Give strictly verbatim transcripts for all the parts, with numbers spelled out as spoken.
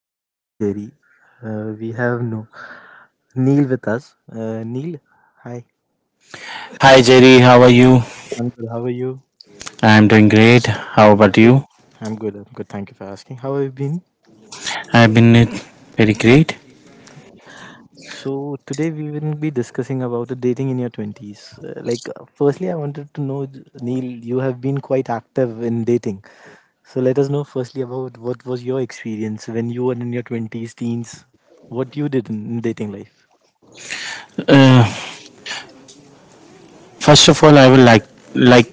Hi, this is Jerry. Uh, we have no Neil with us. Uh, Neil, hi. Hi Jerry, how are you? I'm good. How are you? I'm doing great. How about Good. you? I'm good. I'm good. Thank you for asking. How have you been? I've been uh, very great. So today we will be discussing about the dating in your twenties. Uh, like, uh, firstly, I wanted to know, J- Neil, you have been quite active in dating. So let us know firstly about what was your experience when you were in your twenties, teens. What you did in in dating life. Uh, First of all, I would like like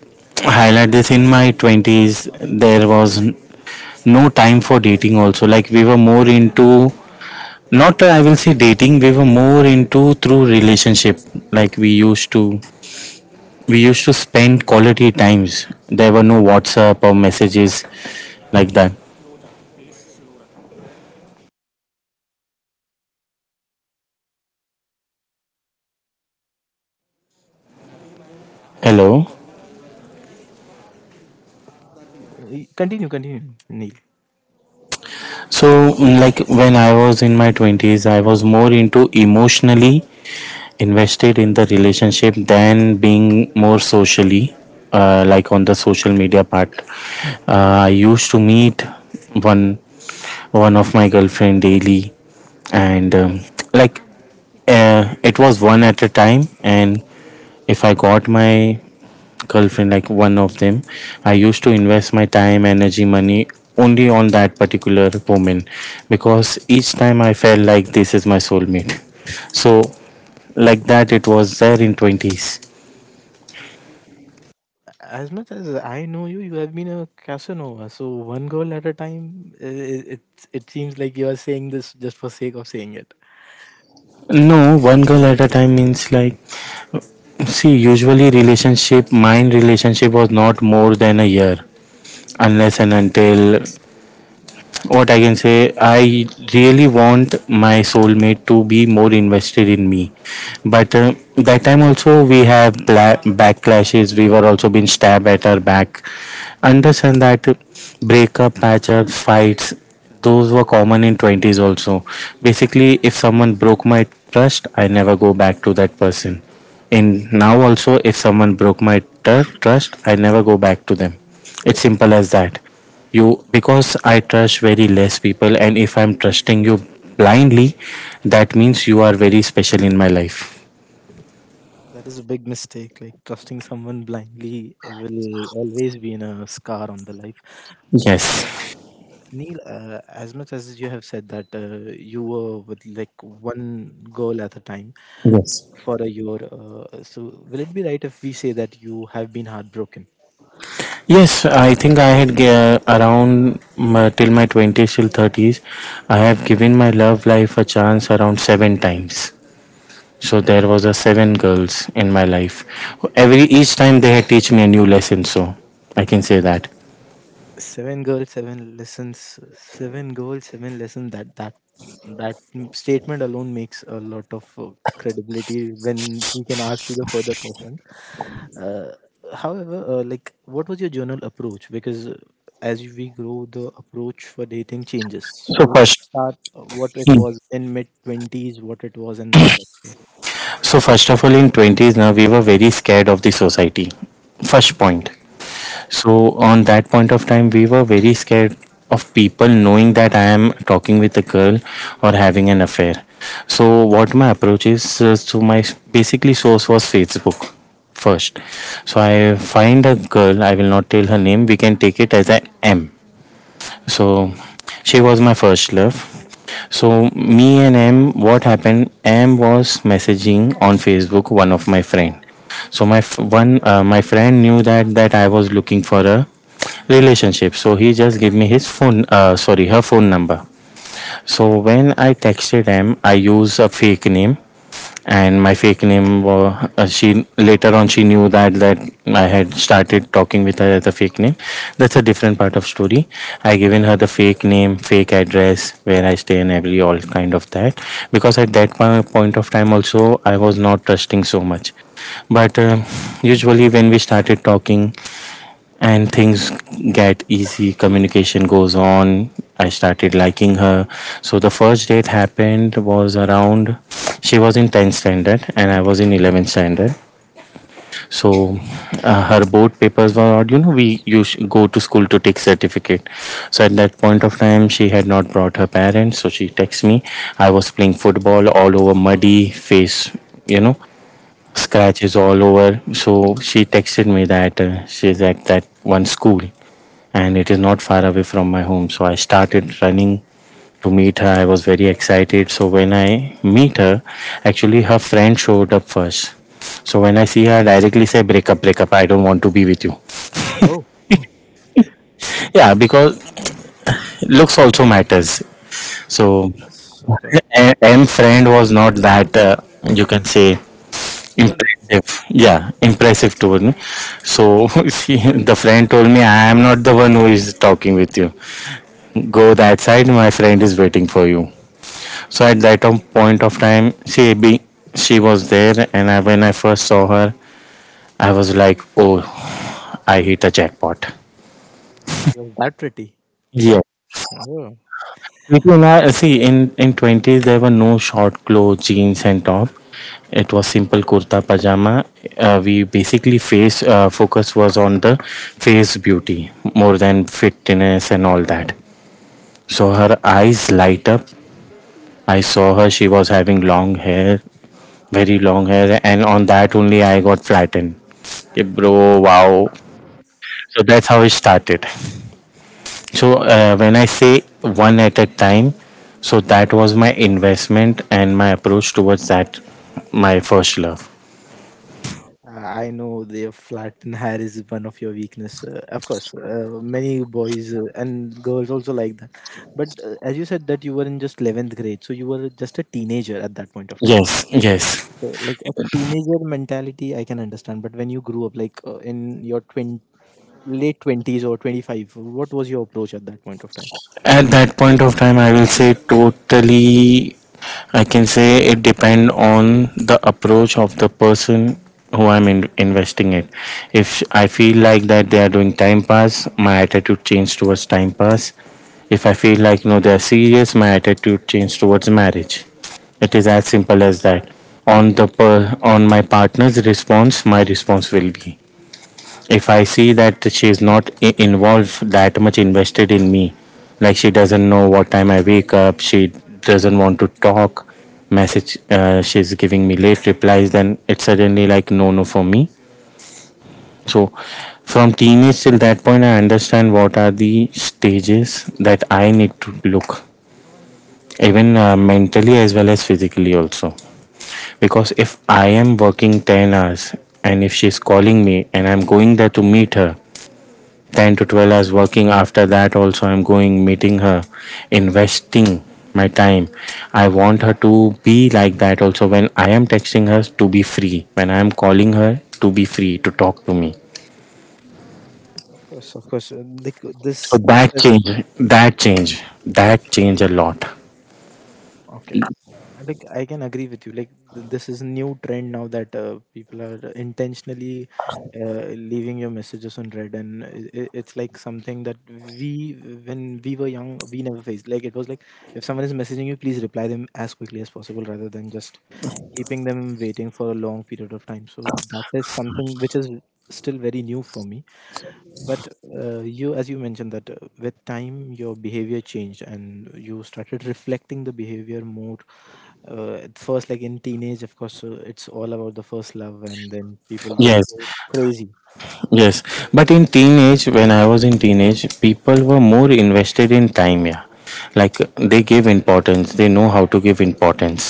highlight this. In my twenties, there was n- no time for dating. Also, like we were more into not uh, I will say dating. We were more into through relationship. Like we used to we used to spend quality times. There were no WhatsApp or messages like that. Hello. Uh, Continue, continue, Neil. So, mm, like when I was in my twenties, I was more into emotionally invested in the relationship than being more socially, uh, like on the social media part. Uh, I used to meet one one of my girlfriend daily, and um, like uh, it was one at a time. And if I got my girlfriend, like one of them, I used to invest my time, energy, money only on that particular woman because each time I felt like this is my soulmate. So, like that, it was there in twenties. As much as I know you, you have been a Casanova. So one girl at a time, i- i- it it seems like you are saying this just for sake of saying it. No, one girl at a time means like, see, usually relationship, mine relationship was not more than a year unless and until what I can say, I really want my soulmate to be more invested in me. But uh, that time also we have bla- backlashes. We were also being stabbed at our back. Understand that breakup, patchup, fights, those were common in twenties also. Basically, if someone broke my trust, I never go back to that person. In now also, if someone broke my trust, I never go back to them. It's simple as that. You because I trust very less people, and if I'm trusting you blindly, that means you are very special in my life. That is a big mistake. Like trusting someone blindly it will always be in a scar on the life. Yes. Neil, uh, as much as you have said that uh, you were with like one girl at a time Yes. for a year, uh, so will it be right if we say that you have been heartbroken? Yes, I think I had uh, around my, till my twenties till thirties, I have given my love life a chance around seven times. So there was a seven girls in my life. Every each time they had teach me a new lesson. So I can say that. Seven girls, seven lessons. Seven girls, seven lessons. That that that statement alone makes a lot of uh, credibility when we can ask you the further question. Uh, however, uh, like, what was your journal approach? Because uh, as we grow, the approach for dating changes. So So at first, start, uh, what it was in mid twenties, what it was, and now what. it is. so first of all, in twenties now we were very scared of the society. First point. So on that point of time, we were very scared of people knowing that I am talking with a girl or having an affair. So what my approach is, uh, so my s- basically source was Facebook first. So I find a girl. I will not tell her name. We can take it as a M. So she was my first love. So me and M, what happened? M was messaging on Facebook one of my friend. So my f- one uh, my friend knew that that I was looking for a relationship. So he just gave me his phone. Uh, sorry, her phone number. So when I texted him, I used a fake name and my fake name was uh, she later on she knew that that I had started talking with her as a fake name. That's a different part of story. I given her the fake name, fake address where I stay and every all kind of that, because at that po- point of time also I was not trusting so much. But um usually when we started talking and things get easy, communication goes on, I started liking her. So the first date happened was around, she was in tenth standard and I was in eleventh standard. So uh, her board papers were out, you know, we used go to school to take certificate. So at that point of time she had not brought her parents, so she texts me. I was playing football, all over muddy face, you know, scratches all over. So she texted me that uh, she's at that one school and it is not far away from my home. So I started running to meet her. I was very excited. So when I meet her, actually her friend showed up first. So when I see her, I directly say, break up, break up. I don't want to be with you. Oh, Yeah, because looks also matters. So yes, of course. M friend was not that uh, you can say Good looking. impressive. Yeah, impressive told me. So she, the friend told me, I am not the one who is talking with you. Go that side, my friend is waiting for you. So at that tom- point of time, she be, she was there, and I, when I first saw her, I was like, oh, I hit a jackpot. She was that pretty. Yeah, Like, oh. you can, uh, see, in in twenties there were no short clothes, jeans, and top. It was simple kurta pajama. Uh, we basically face uh, focus was on the face beauty more than fitness and all that. So her eyes light up. I saw her. She was having long hair, very long hair, and on that only I got flattened. Yeah, bro, wow. So that's how it started. So uh, when I say one at a time, so that was my investment and my approach towards that, my first love. Uh, I know the flat and hair is one of your weakness. Uh, of course, uh, many boys uh, and girls also like that. But uh, as you said that you were in just eleventh grade, so you were just a teenager at that point of time. Yes, yes. So like a teenager mentality, I can understand. But when you grew up, like uh, in your twenty, late twenties or twenty-five, what was your approach at that point of time? At that point of time I will say totally, I can say it depend on the approach of the person who I'm in- investing it. If I feel like that they are doing time pass, my attitude change towards time pass. If I feel like no they are serious, my attitude change towards marriage. It is as simple as that. On the per- on my partner's response my response will be. If I see that she is not I- involved that much invested in me, like she doesn't know what time I wake up, she doesn't want to talk, message uh, she's giving me late replies, then it's suddenly like no, no for me. So from teenage till that point, I understand what are the stages that I need to look, even uh, mentally as well as physically also. Because if I am working ten hours and if she's calling me and I'm going there to meet her, ten to twelve hours working, after that also I'm going meeting her, investing my time, I want her to be like that also. When I am texting her, to be free. When I am calling her, to be free to talk to me. Of course, of course. uh, Like uh, So this, this that has change that change that change a lot. Okay. Uh, like I can agree with you like th- this is new trend now that uh, people are intentionally uh, leaving your messages on red, and i- i- it's like something that we, when we were young, we never faced. Like it was like if someone is messaging you, please reply them as quickly as possible rather than just keeping them waiting for a long period of time. So that is something which is still very new for me. But uh, you, as you mentioned that uh, with time your behavior changed and you started reflecting the behavior more. Uh, at first, like in teenage, of course, uh, it's all about the first love and then people just go Yes, crazy. yes, but in teenage, when I was in teenage, people were more invested in time, yeah, like they give importance, they know how to give importance.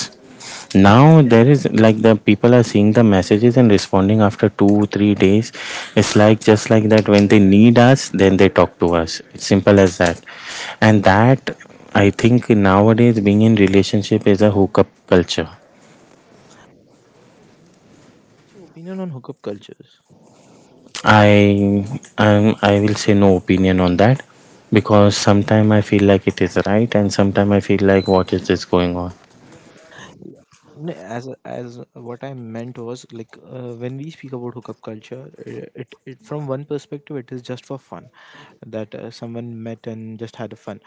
Now there is like the people are seeing the messages and responding after two, three days. It's like just like that, when they need us, then they talk to us. It's simple as that. And that, I think nowadays being in relationship is a hookup culture. What's your opinion on hookup cultures? I um, I will say no opinion on that, because sometimes I feel like it is right and sometimes I feel like what is this going on. No, as as what I meant was like, uh, when we speak about hookup culture, i- it, it from one perspective it is just for fun, that uh, someone met and just had a fun,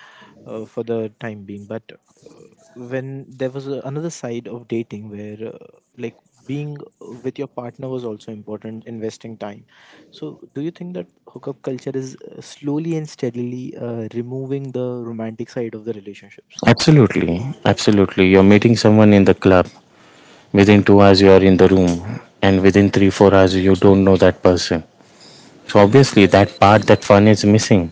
uh, for the time being. But uh, when there was a, another side of dating where uh, like being with your partner was also important, investing time. So do you think that hookup culture is uh, slowly and steadily uh, removing the romantic side of the relationships? Absolutely, absolutely. You're meeting someone in the club. Within two hours you are in the room, and within three four hours you don't know that person. So obviously that part, that fun is missing.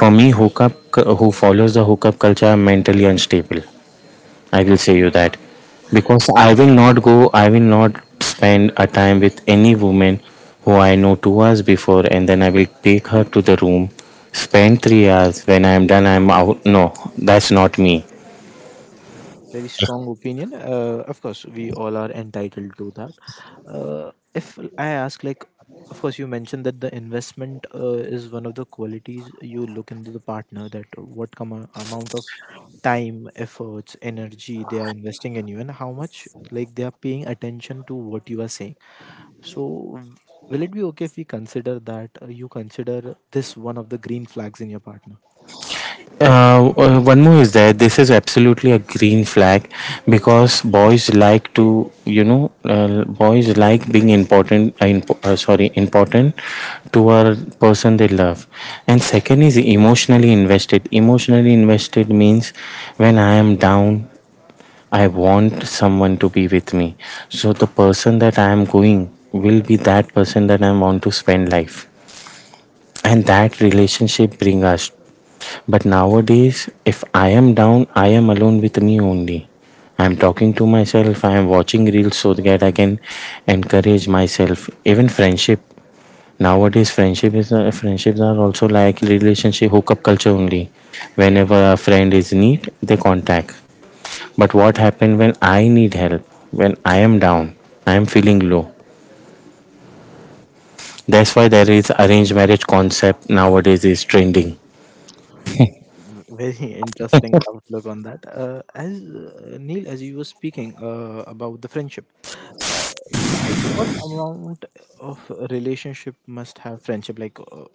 For me, hookup cu- who follows the hookup culture are mentally unstable, I will say you that. Because I will not go, I will not spend a time with any woman who I know two hours before and then I will take her to the room, spend three hours, when I am done I am out. No, that's not me. Very strong opinion, uh, of course we all are entitled to that. Uh, if I ask like, of course you mentioned that the investment uh, is one of the qualities you look into the partner, that what com- amount of time, efforts, energy they are investing in you and how much like they are paying attention to what you are saying. So w- will it be okay if we consider that uh, you consider this one of the green flags in your partner? Uh, uh, one more is there. This is absolutely a green flag because boys like to, you know, uh, boys like being important. Uh, imp- uh, sorry, important to a person they love. And second is emotionally invested. Emotionally invested means when I am down, I want someone to be with me. So the person that I am going will be that person that I want to spend life, and that relationship bring us. But nowadays if I am down, I am alone with me only, I'm talking to myself, I am watching reels so that I can encourage myself. Even friendship, nowadays friendship is uh, friendships are also like relationship hookup culture only, whenever a friend is need they contact. But what happened when I need help, when I am down, I am feeling low? That's why there is arranged marriage concept nowadays is trending. Mm, Very interesting outlook on that. Uh, as uh, Neil, as you were speaking uh, about the friendship, uh, what amount of relationship must have friendship? Like, uh,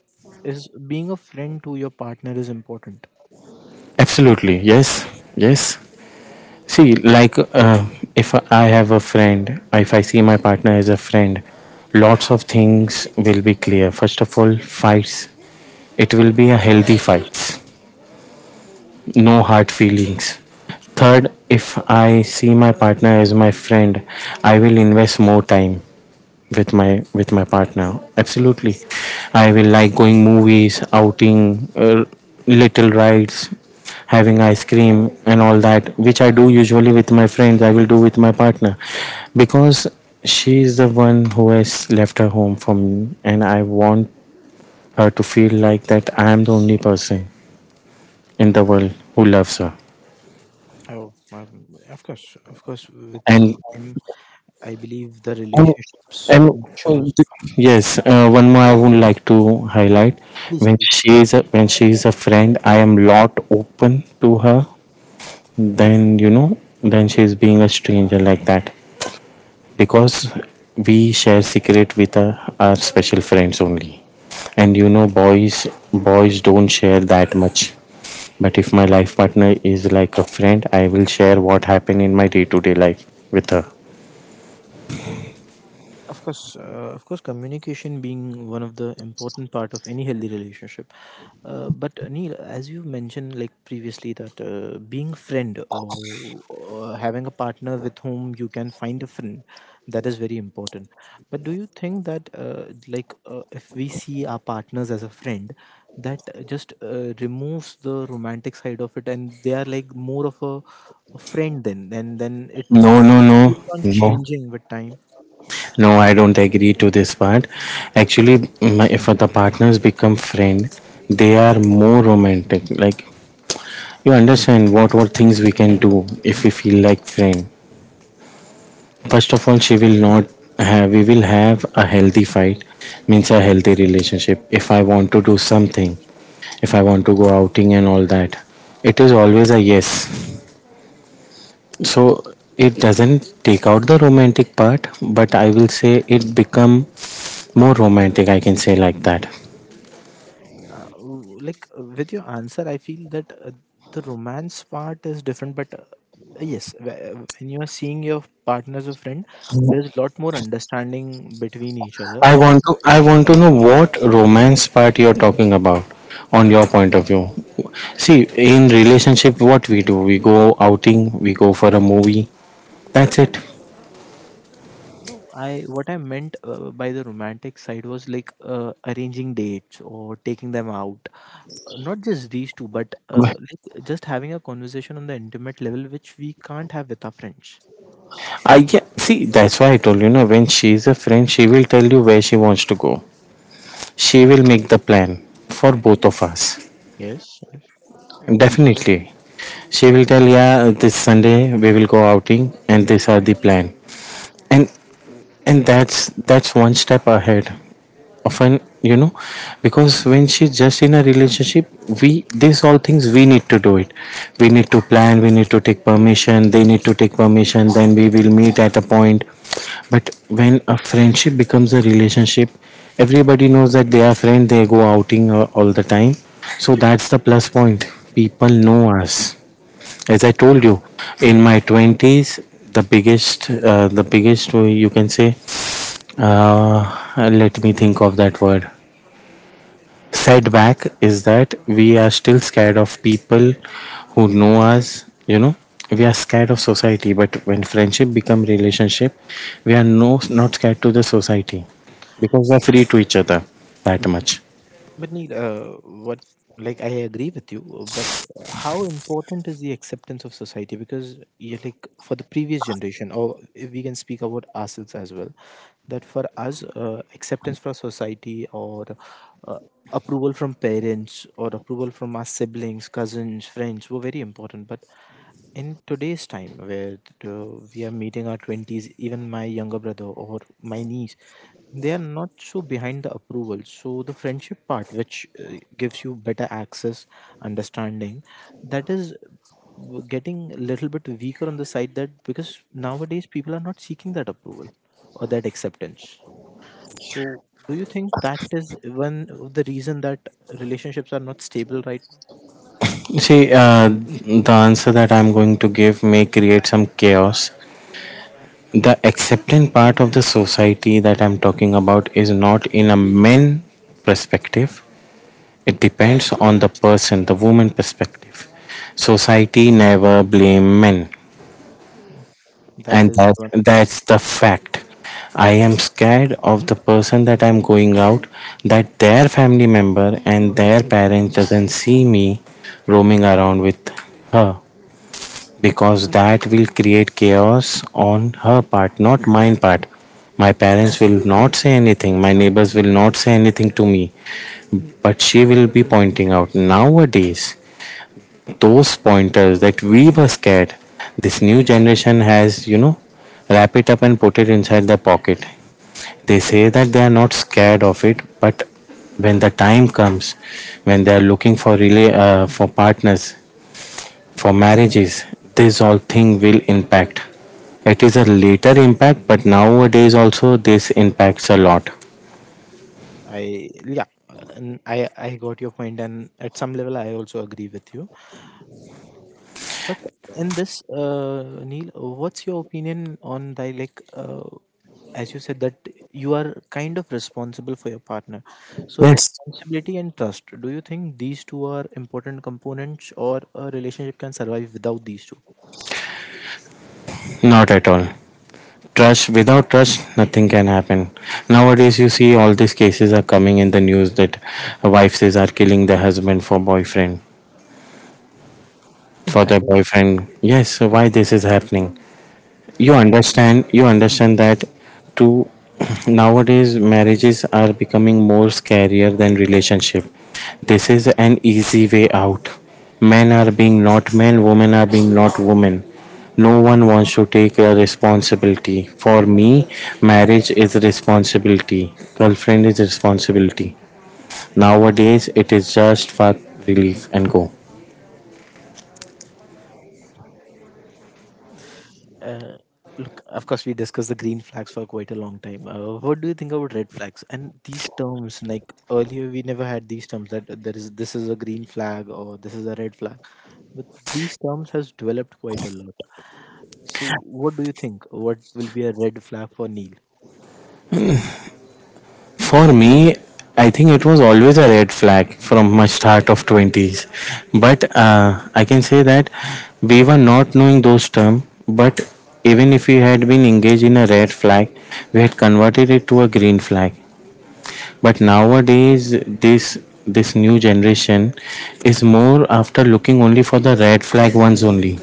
Is being a friend to your partner is important? Absolutely, yes, yes. See, like uh, if I have a friend, if I see my partner as a friend, lots of things will be clear. First of all, fights. It will be a healthy fights, no hard feelings. Third, if I see my partner as my friend, I will invest more time with my with my partner. Absolutely, I will like going movies, outing, uh, little rides, having ice cream and all that, which I do usually with my friends. I will do with my partner because she is the one who has left her home for me, and I want her to feel like that I am the only person in the world who loves her. Oh, um, of course, of course. With and time, I believe the um, relationships and matures. um, th- yes, uh, one more I would like to highlight. Please, When please. she is a, when she is a friend, I am lot open to her then you know, then she is being a stranger like that because we share secret with uh, our special friends only. And you know, boys boys don't share that much, but if my life partner is like a friend, I will share what happened in my day to day life with her. Of course, uh, of course, communication being one of the important part of any healthy relationship. Uh, but uh, Neil, as you mentioned like previously that uh, being friend or, or having a partner with whom you can find a friend, that is very important. But do you think that uh, like uh, if we see our partners as a friend, that uh, just uh, removes the romantic side of it, and they are like more of a, a friend, then and then it no no no keeps on No, changing with time? no, I don't agree to this part. Actually, my, if the partners become friend, they are more romantic. Like you understand what what things we can do if we feel like friend. First of all, she will not have. We will have a healthy fight, means a healthy relationship. If I want to do something, if I want to go outing and all that, it is always a yes. So it doesn't take out the romantic part, but I will say it become more romantic, I can say like that. Uh, w- like uh, with your answer I feel that uh, the romance part is different, but uh, yes, wh- uh, when you are seeing your partner as a friend, there's a lot more understanding between each other. I And want to, I want to know what romance part you're talking about on your point of view. See, in relationship what we do, we go outing, we go for a movie, that's it. no, I, what I meant uh, by the romantic side was like uh, arranging dates or taking them out. Uh, not just these two, but uh, But like just having a conversation on the intimate level which we can't have with our friends. I, yeah, see that's why I told you know, when she's a friend, she will tell you where she wants to go. She will make the plan for both of us. Yes. Definitely, she will tell, yeah, this Sunday we will go outing and these are the plan. And and that's that's one step ahead, often you know, because when she's just in a relationship, we, this all things we need to do it. We need to plan, we need to take permission, they need to take permission, then we will meet at a point. But when a friendship becomes a relationship, everybody knows that they are friends, they go outing uh, all the time. So that's the plus point. People know us. As I told you, in my twenties, the biggest uh, the biggest uh, you can say uh, let me think of that word. Setback is that we are still scared of people who know us, you know. We are scared of society, but when friendship become relationship, we are no, not scared to the society because we are free to each other that much. But Neil, uh, what, like I agree with you, but how important is the acceptance of society? Because you like for the previous generation, or if we can speak about ourselves as well, that for us, uh, acceptance from society, or uh, approval from parents, or approval from our siblings, cousins, friends were very important. But in today's time where uh, we are meeting our twenties, even my younger brother or my niece, they are not so behind the approval. So the friendship part, which uh, gives you better access, understanding, that is getting a little bit weaker on the side, that because nowadays people are not seeking that approval or that acceptance. So do you think that is one of the reason that relationships are not stable right See, uh, the answer that I'm going to give may create some chaos. The accepting part of the society that I'm talking about is not in a men perspective. It depends on the person, the woman perspective. Society never blame men, now? That and is that one of the thing. that's the fact. I am scared of the person that I'm going out, that their family member and their parents doesn't see me roaming around with her because that will create chaos on her part, not mine part. My parents will not say anything, my neighbors will not say anything to me, but she will be pointing out nowadays. Those pointers that we were scared, this new generation has, you know, wrap it up and put it inside their pocket. They say that they are not scared of it, but when the time comes, when they are looking for relay uh, for partners, for marriages, this all thing will impact. It is a later impact, but nowadays also this impacts a lot. I yeah, and I I got your point, and at some level I also agree with you. But in this, uh, Neil, what's your opinion on the like? Uh, as you said that you are kind of responsible for your partner, so Yes. responsibility and trust, do you think these two are important components, or a relationship can survive without these two? Not at all. Trust, without trust, nothing can happen. Nowadays, you see all these cases are coming in the news that wives are killing their husband for boyfriend, for That their is. boyfriend. Yes, so why this is happening? You understand, you understand that, to nowadays marriages are becoming more scarier than relationship. This is an easy way out. Men are being not men, women are being not women. No one wants to take a responsibility for me. Marriage is responsibility, girlfriend is responsibility. Nowadays it is just fuck, relief and go. Uh, Look, of course, we discussed the green flags for quite a long time. Uh, what do you think about red flags and these terms? Like earlier, we never had these terms that there is this is a green flag or this is a red flag, but these terms has developed quite a lot. So, what do you think? What will be a red flag for Neil? For me, I think it was always a red flag from my start of twenties. But uh, I can say that we were not knowing those terms, but even if we had been engaged in a red flag, we had converted it to a green flag. But nowadays, this this new generation is more after looking only for the red flag ones only.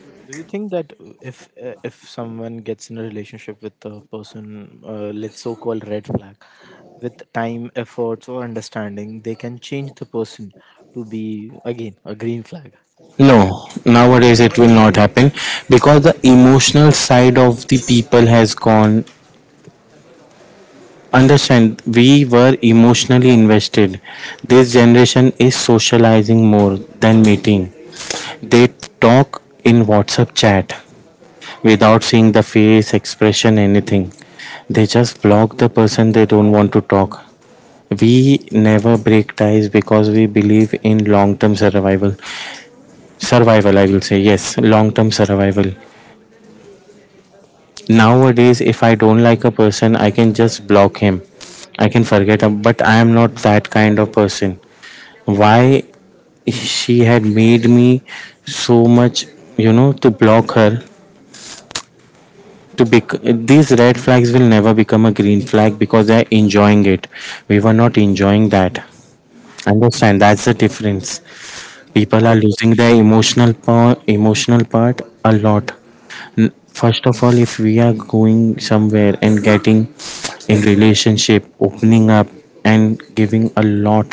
So do you think that uh, if uh, if someone gets in a relationship with a person, uh, let's so-called red flag, with time, efforts, or understanding, they can change the person to be again a green flag? No, nowadays it will not happen because the emotional side of the people has gone. Understand, we were emotionally invested. This generation is socializing more than meeting. They talk in WhatsApp chat without seeing the face, expression, anything. They just block the person they don't want to talk. We never break ties because we believe in long term survival. Survival, I will say, yes, long term survival. Nowadays, if I don't like a person, I can just block him. I can forget him, but I am not that kind of person. Why she had made me so much, you know, to block her. To bec- these red flags will never become a green flag because they're enjoying it. We were not enjoying that. Understand? That's the difference. People I are got losing their emotional power, emotional part a lot. N- first of all, if we are going somewhere and getting in relationship, opening up and giving a lot,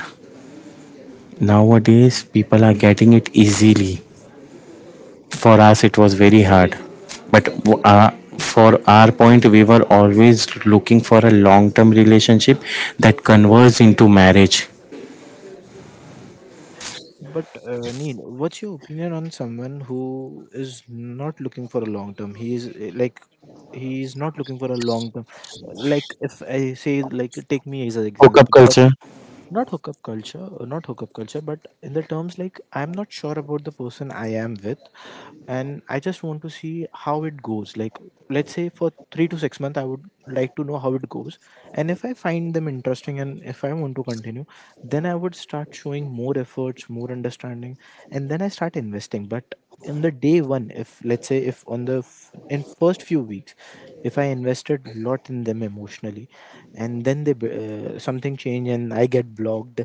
nowadays people are getting it easily. For us, it was very hard, but w- so- uh, for our point, we were always looking for a long-term relationship that converts into marriage. But uh, Neil, what's your opinion on someone who is not looking for a long term? He is uh, like he is not looking for a long term. Like if I say, like take me as an Hookup example, culture, not hookup culture, uh, not hookup culture but in the terms like I'm not sure about the person I am with, and I just want to see how it goes. Like let's say for three to six months I would like to know how it goes. And if I find them interesting and if I want to continue, then I would start showing more efforts, more understanding, and then I start investing. But in the day one, if let's say if on the f- in first few weeks, if I invested a lot in them emotionally, and then they b- uh, something change and I get blocked,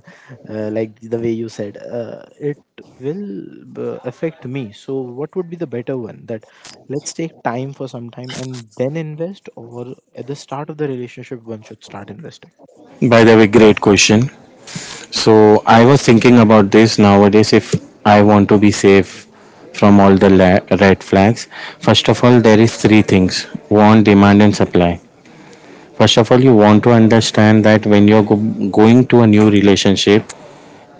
uh, like the way you said, uh, it will uh, affect me. So what would be the better one? That let's take time for some time and then invest, or at the start of the relationship one should start investing? by the way, great question. So I was thinking about this nowadays, if I want to be safe from all the la- red flags. First of all, there is three things: want, demand, and supply. First of all, you want to understand that when you're go- going to a new relationship,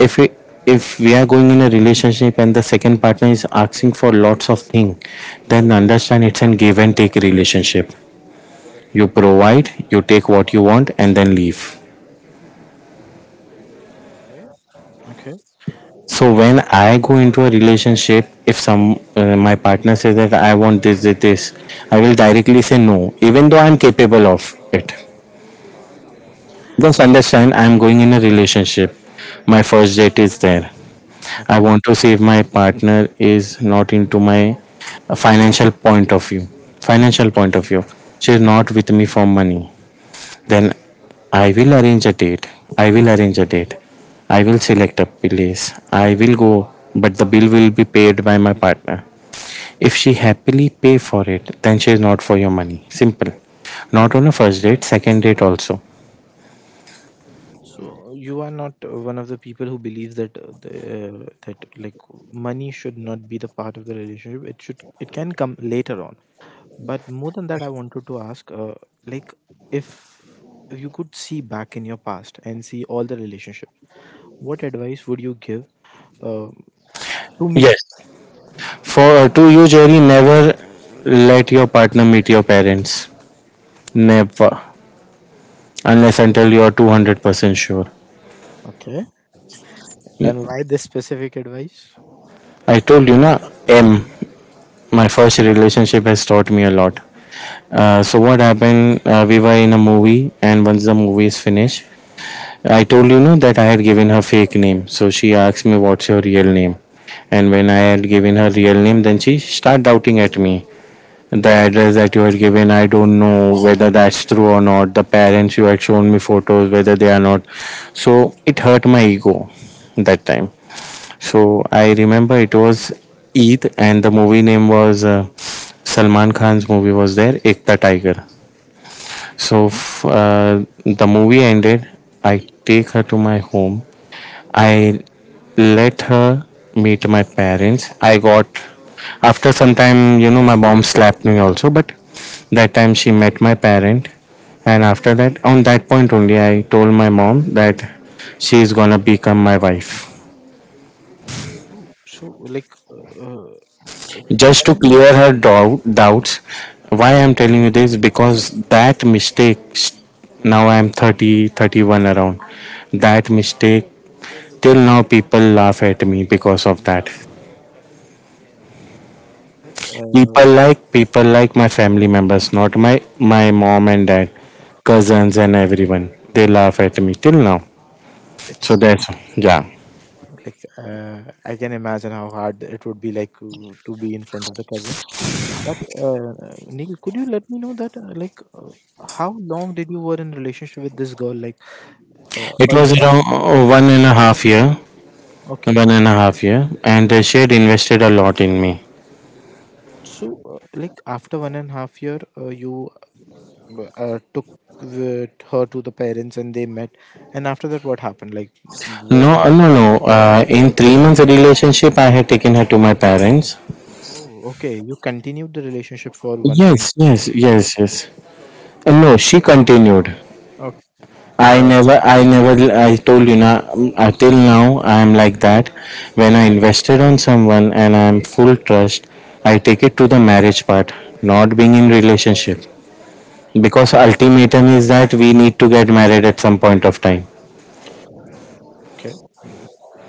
if it, if we are going in a relationship and the second partner is asking for lots of things, then understand it's an give and take relationship. You provide, you take what you want, and then leave. Okay. Okay, So when I go into a relationship, if some uh, my partner says that I want this, this, this, I will directly say no, even though I'm capable of it. Because understand, I'm going in a relationship. My first date is there. I okay. want to see if my partner is not into my financial point of view. Financial point of view, she is not with me for money. Then I will arrange a date. I will arrange a date. I will select a place. I will go, but the bill will be paid by my partner. If she happily pay for it, then she is not for your money. Simple. Not on a first date, second date also. So you are not uh, one of the people who believes that uh, the, uh, that like money should not be the part of the relationship. It should, it can come later on. But more than that, I wanted to ask, uh, like if you could see back in your past and see all the relationships, what advice would you give uh, to me? Yes. For uh, to you, Jerry, never let your partner meet your parents. Never, unless until you are two hundred percent sure. Okay, and why this specific advice? I told you na M. My first relationship has taught me a lot. Uh, so what happened? Uh, we were in a movie, and once the movie is finished, I told you know that I had given her fake name. So she asked me, "What's your real name?" And when I had given her real name, then she started doubting at me. The address that you had given, I don't know whether that's true or not. The parents you had shown me photos, whether they are not. So it hurt my ego that time. So I remember it was Eid, and the movie name was uh, Salman Khan's movie was there, Ekta Tiger. So f- uh, the movie ended. I take her to my home. I let her meet my parents. I got after some time, you know, my mom slapped me also, but that time she met my parent, and after that, on that point only, I told my mom that she is gonna become my wife. Oh, so like, uh, uh, Just to can clear her dou- doubts, why I'm telling you this because that mistakes, now I'm thirty, thirty one around. That mistake till now people laugh at me because of that. I? But uh, People like, people like my family members, not my, my mom and dad, cousins and everyone. They laugh at me till now. So it's. that's, yeah. Like, uh, I can imagine how hard it would be like to to be in front of the cousin. But uh, Neil, could you let me know that uh, like uh, how long did you were in relationship with this girl? Like uh, It a was year? around uh, one and a half year, Okay. one and a half year, and they shared invested a lot in me. So uh, like after one and a half year, uh, you uh, took the- her to the parents and they met. And after that, what happened? Like were No, uh, there- no, no. Uh, in three months relationship, I had taken her to my parents. Oh, okay. You continued the relationship for one point. Yes, yes, Uh, yes, yes. Uh, no, she continued. oh, I uh, never, I never, I told you now, uh, till now, I am like that. When I invested on someone and I am full trust, I take it to the marriage part, not being in relationship. Because ultimatum is that we need to get married at some point of time. okay,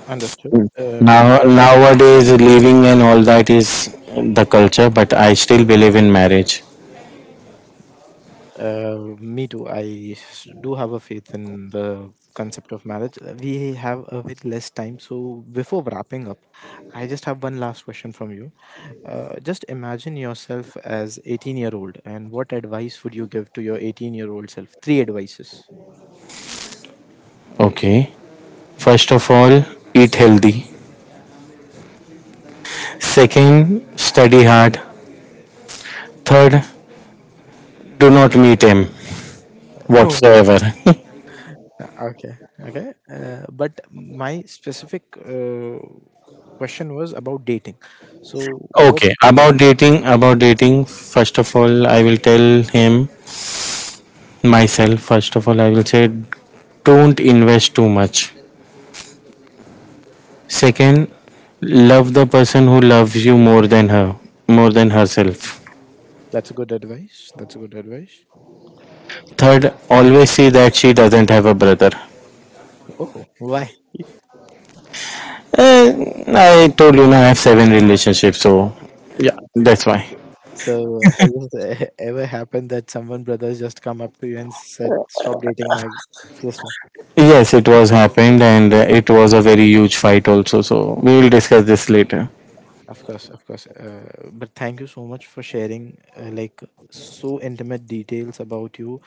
understood. Um, Now, I. nowadays, living and all that is the culture, but I still believe in marriage. Uh, me too. I s- do have a faith in the concept of marriage. Uh, We have a bit less time, so before wrapping up, I just have one last question from you. Uh, just imagine yourself as eighteen year old, and what advice would you give to your eighteen year old self? Three advices. Okay. First of all, eat healthy. Second, study hard. Third, do not meet him Oh, whatsoever. okay, okay. Uh, but my specific uh, question was about dating. So, what Okay. would you About do? dating, about dating, first of all, I will tell him myself. First of all, I will say, don't invest too much. Second, love the person who loves you more than her, more than herself. That's a good advice. That's a good advice. Third, always see that she doesn't have a brother. Oh, why? Eh, I told you now I have seven relationships, so yeah. That's why. So has it ever happened that someone brothers just come up to you and said, "Stop dating my sister"? Yes, it was happened, and uh, it was a very huge fight also. So we will discuss this later. Of course, of course. Uh, but thank you so much for sharing uh, like so intimate details about you,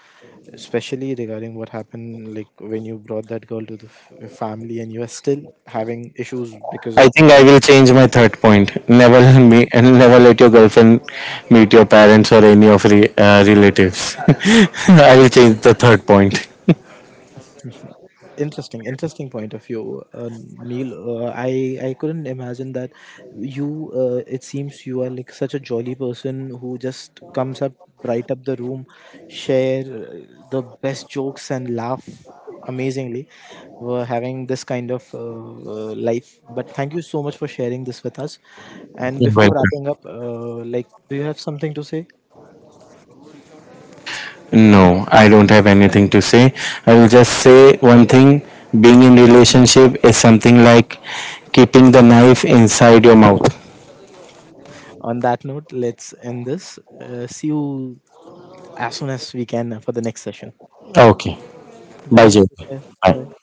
especially regarding what happened like when you brought that girl to the f- family and you are still having issues because I of that. think I will change my third point. Never me and never let your girlfriend meet your parents or any of re, uh, relatives. I will change the third point. Interesting, interesting point of view, uh, Neil. Uh, I I couldn't imagine that you. Uh, it seems you are like such a jolly person who just comes up, bright up the room, share uh, the best jokes and laugh amazingly. We're having this kind of uh, uh, life. But thank you so much for sharing this with us. And before Welcome. wrapping up, uh, like, do you have something to say? No, I don't have anything to say. I will just say one thing. Being in relationship is something like keeping the knife inside your mouth. On that note, let's end this. Uh, see you as soon as we can for the next session. Ah, ok. Bye, bye, Diego. ठीक है, bye. Bye.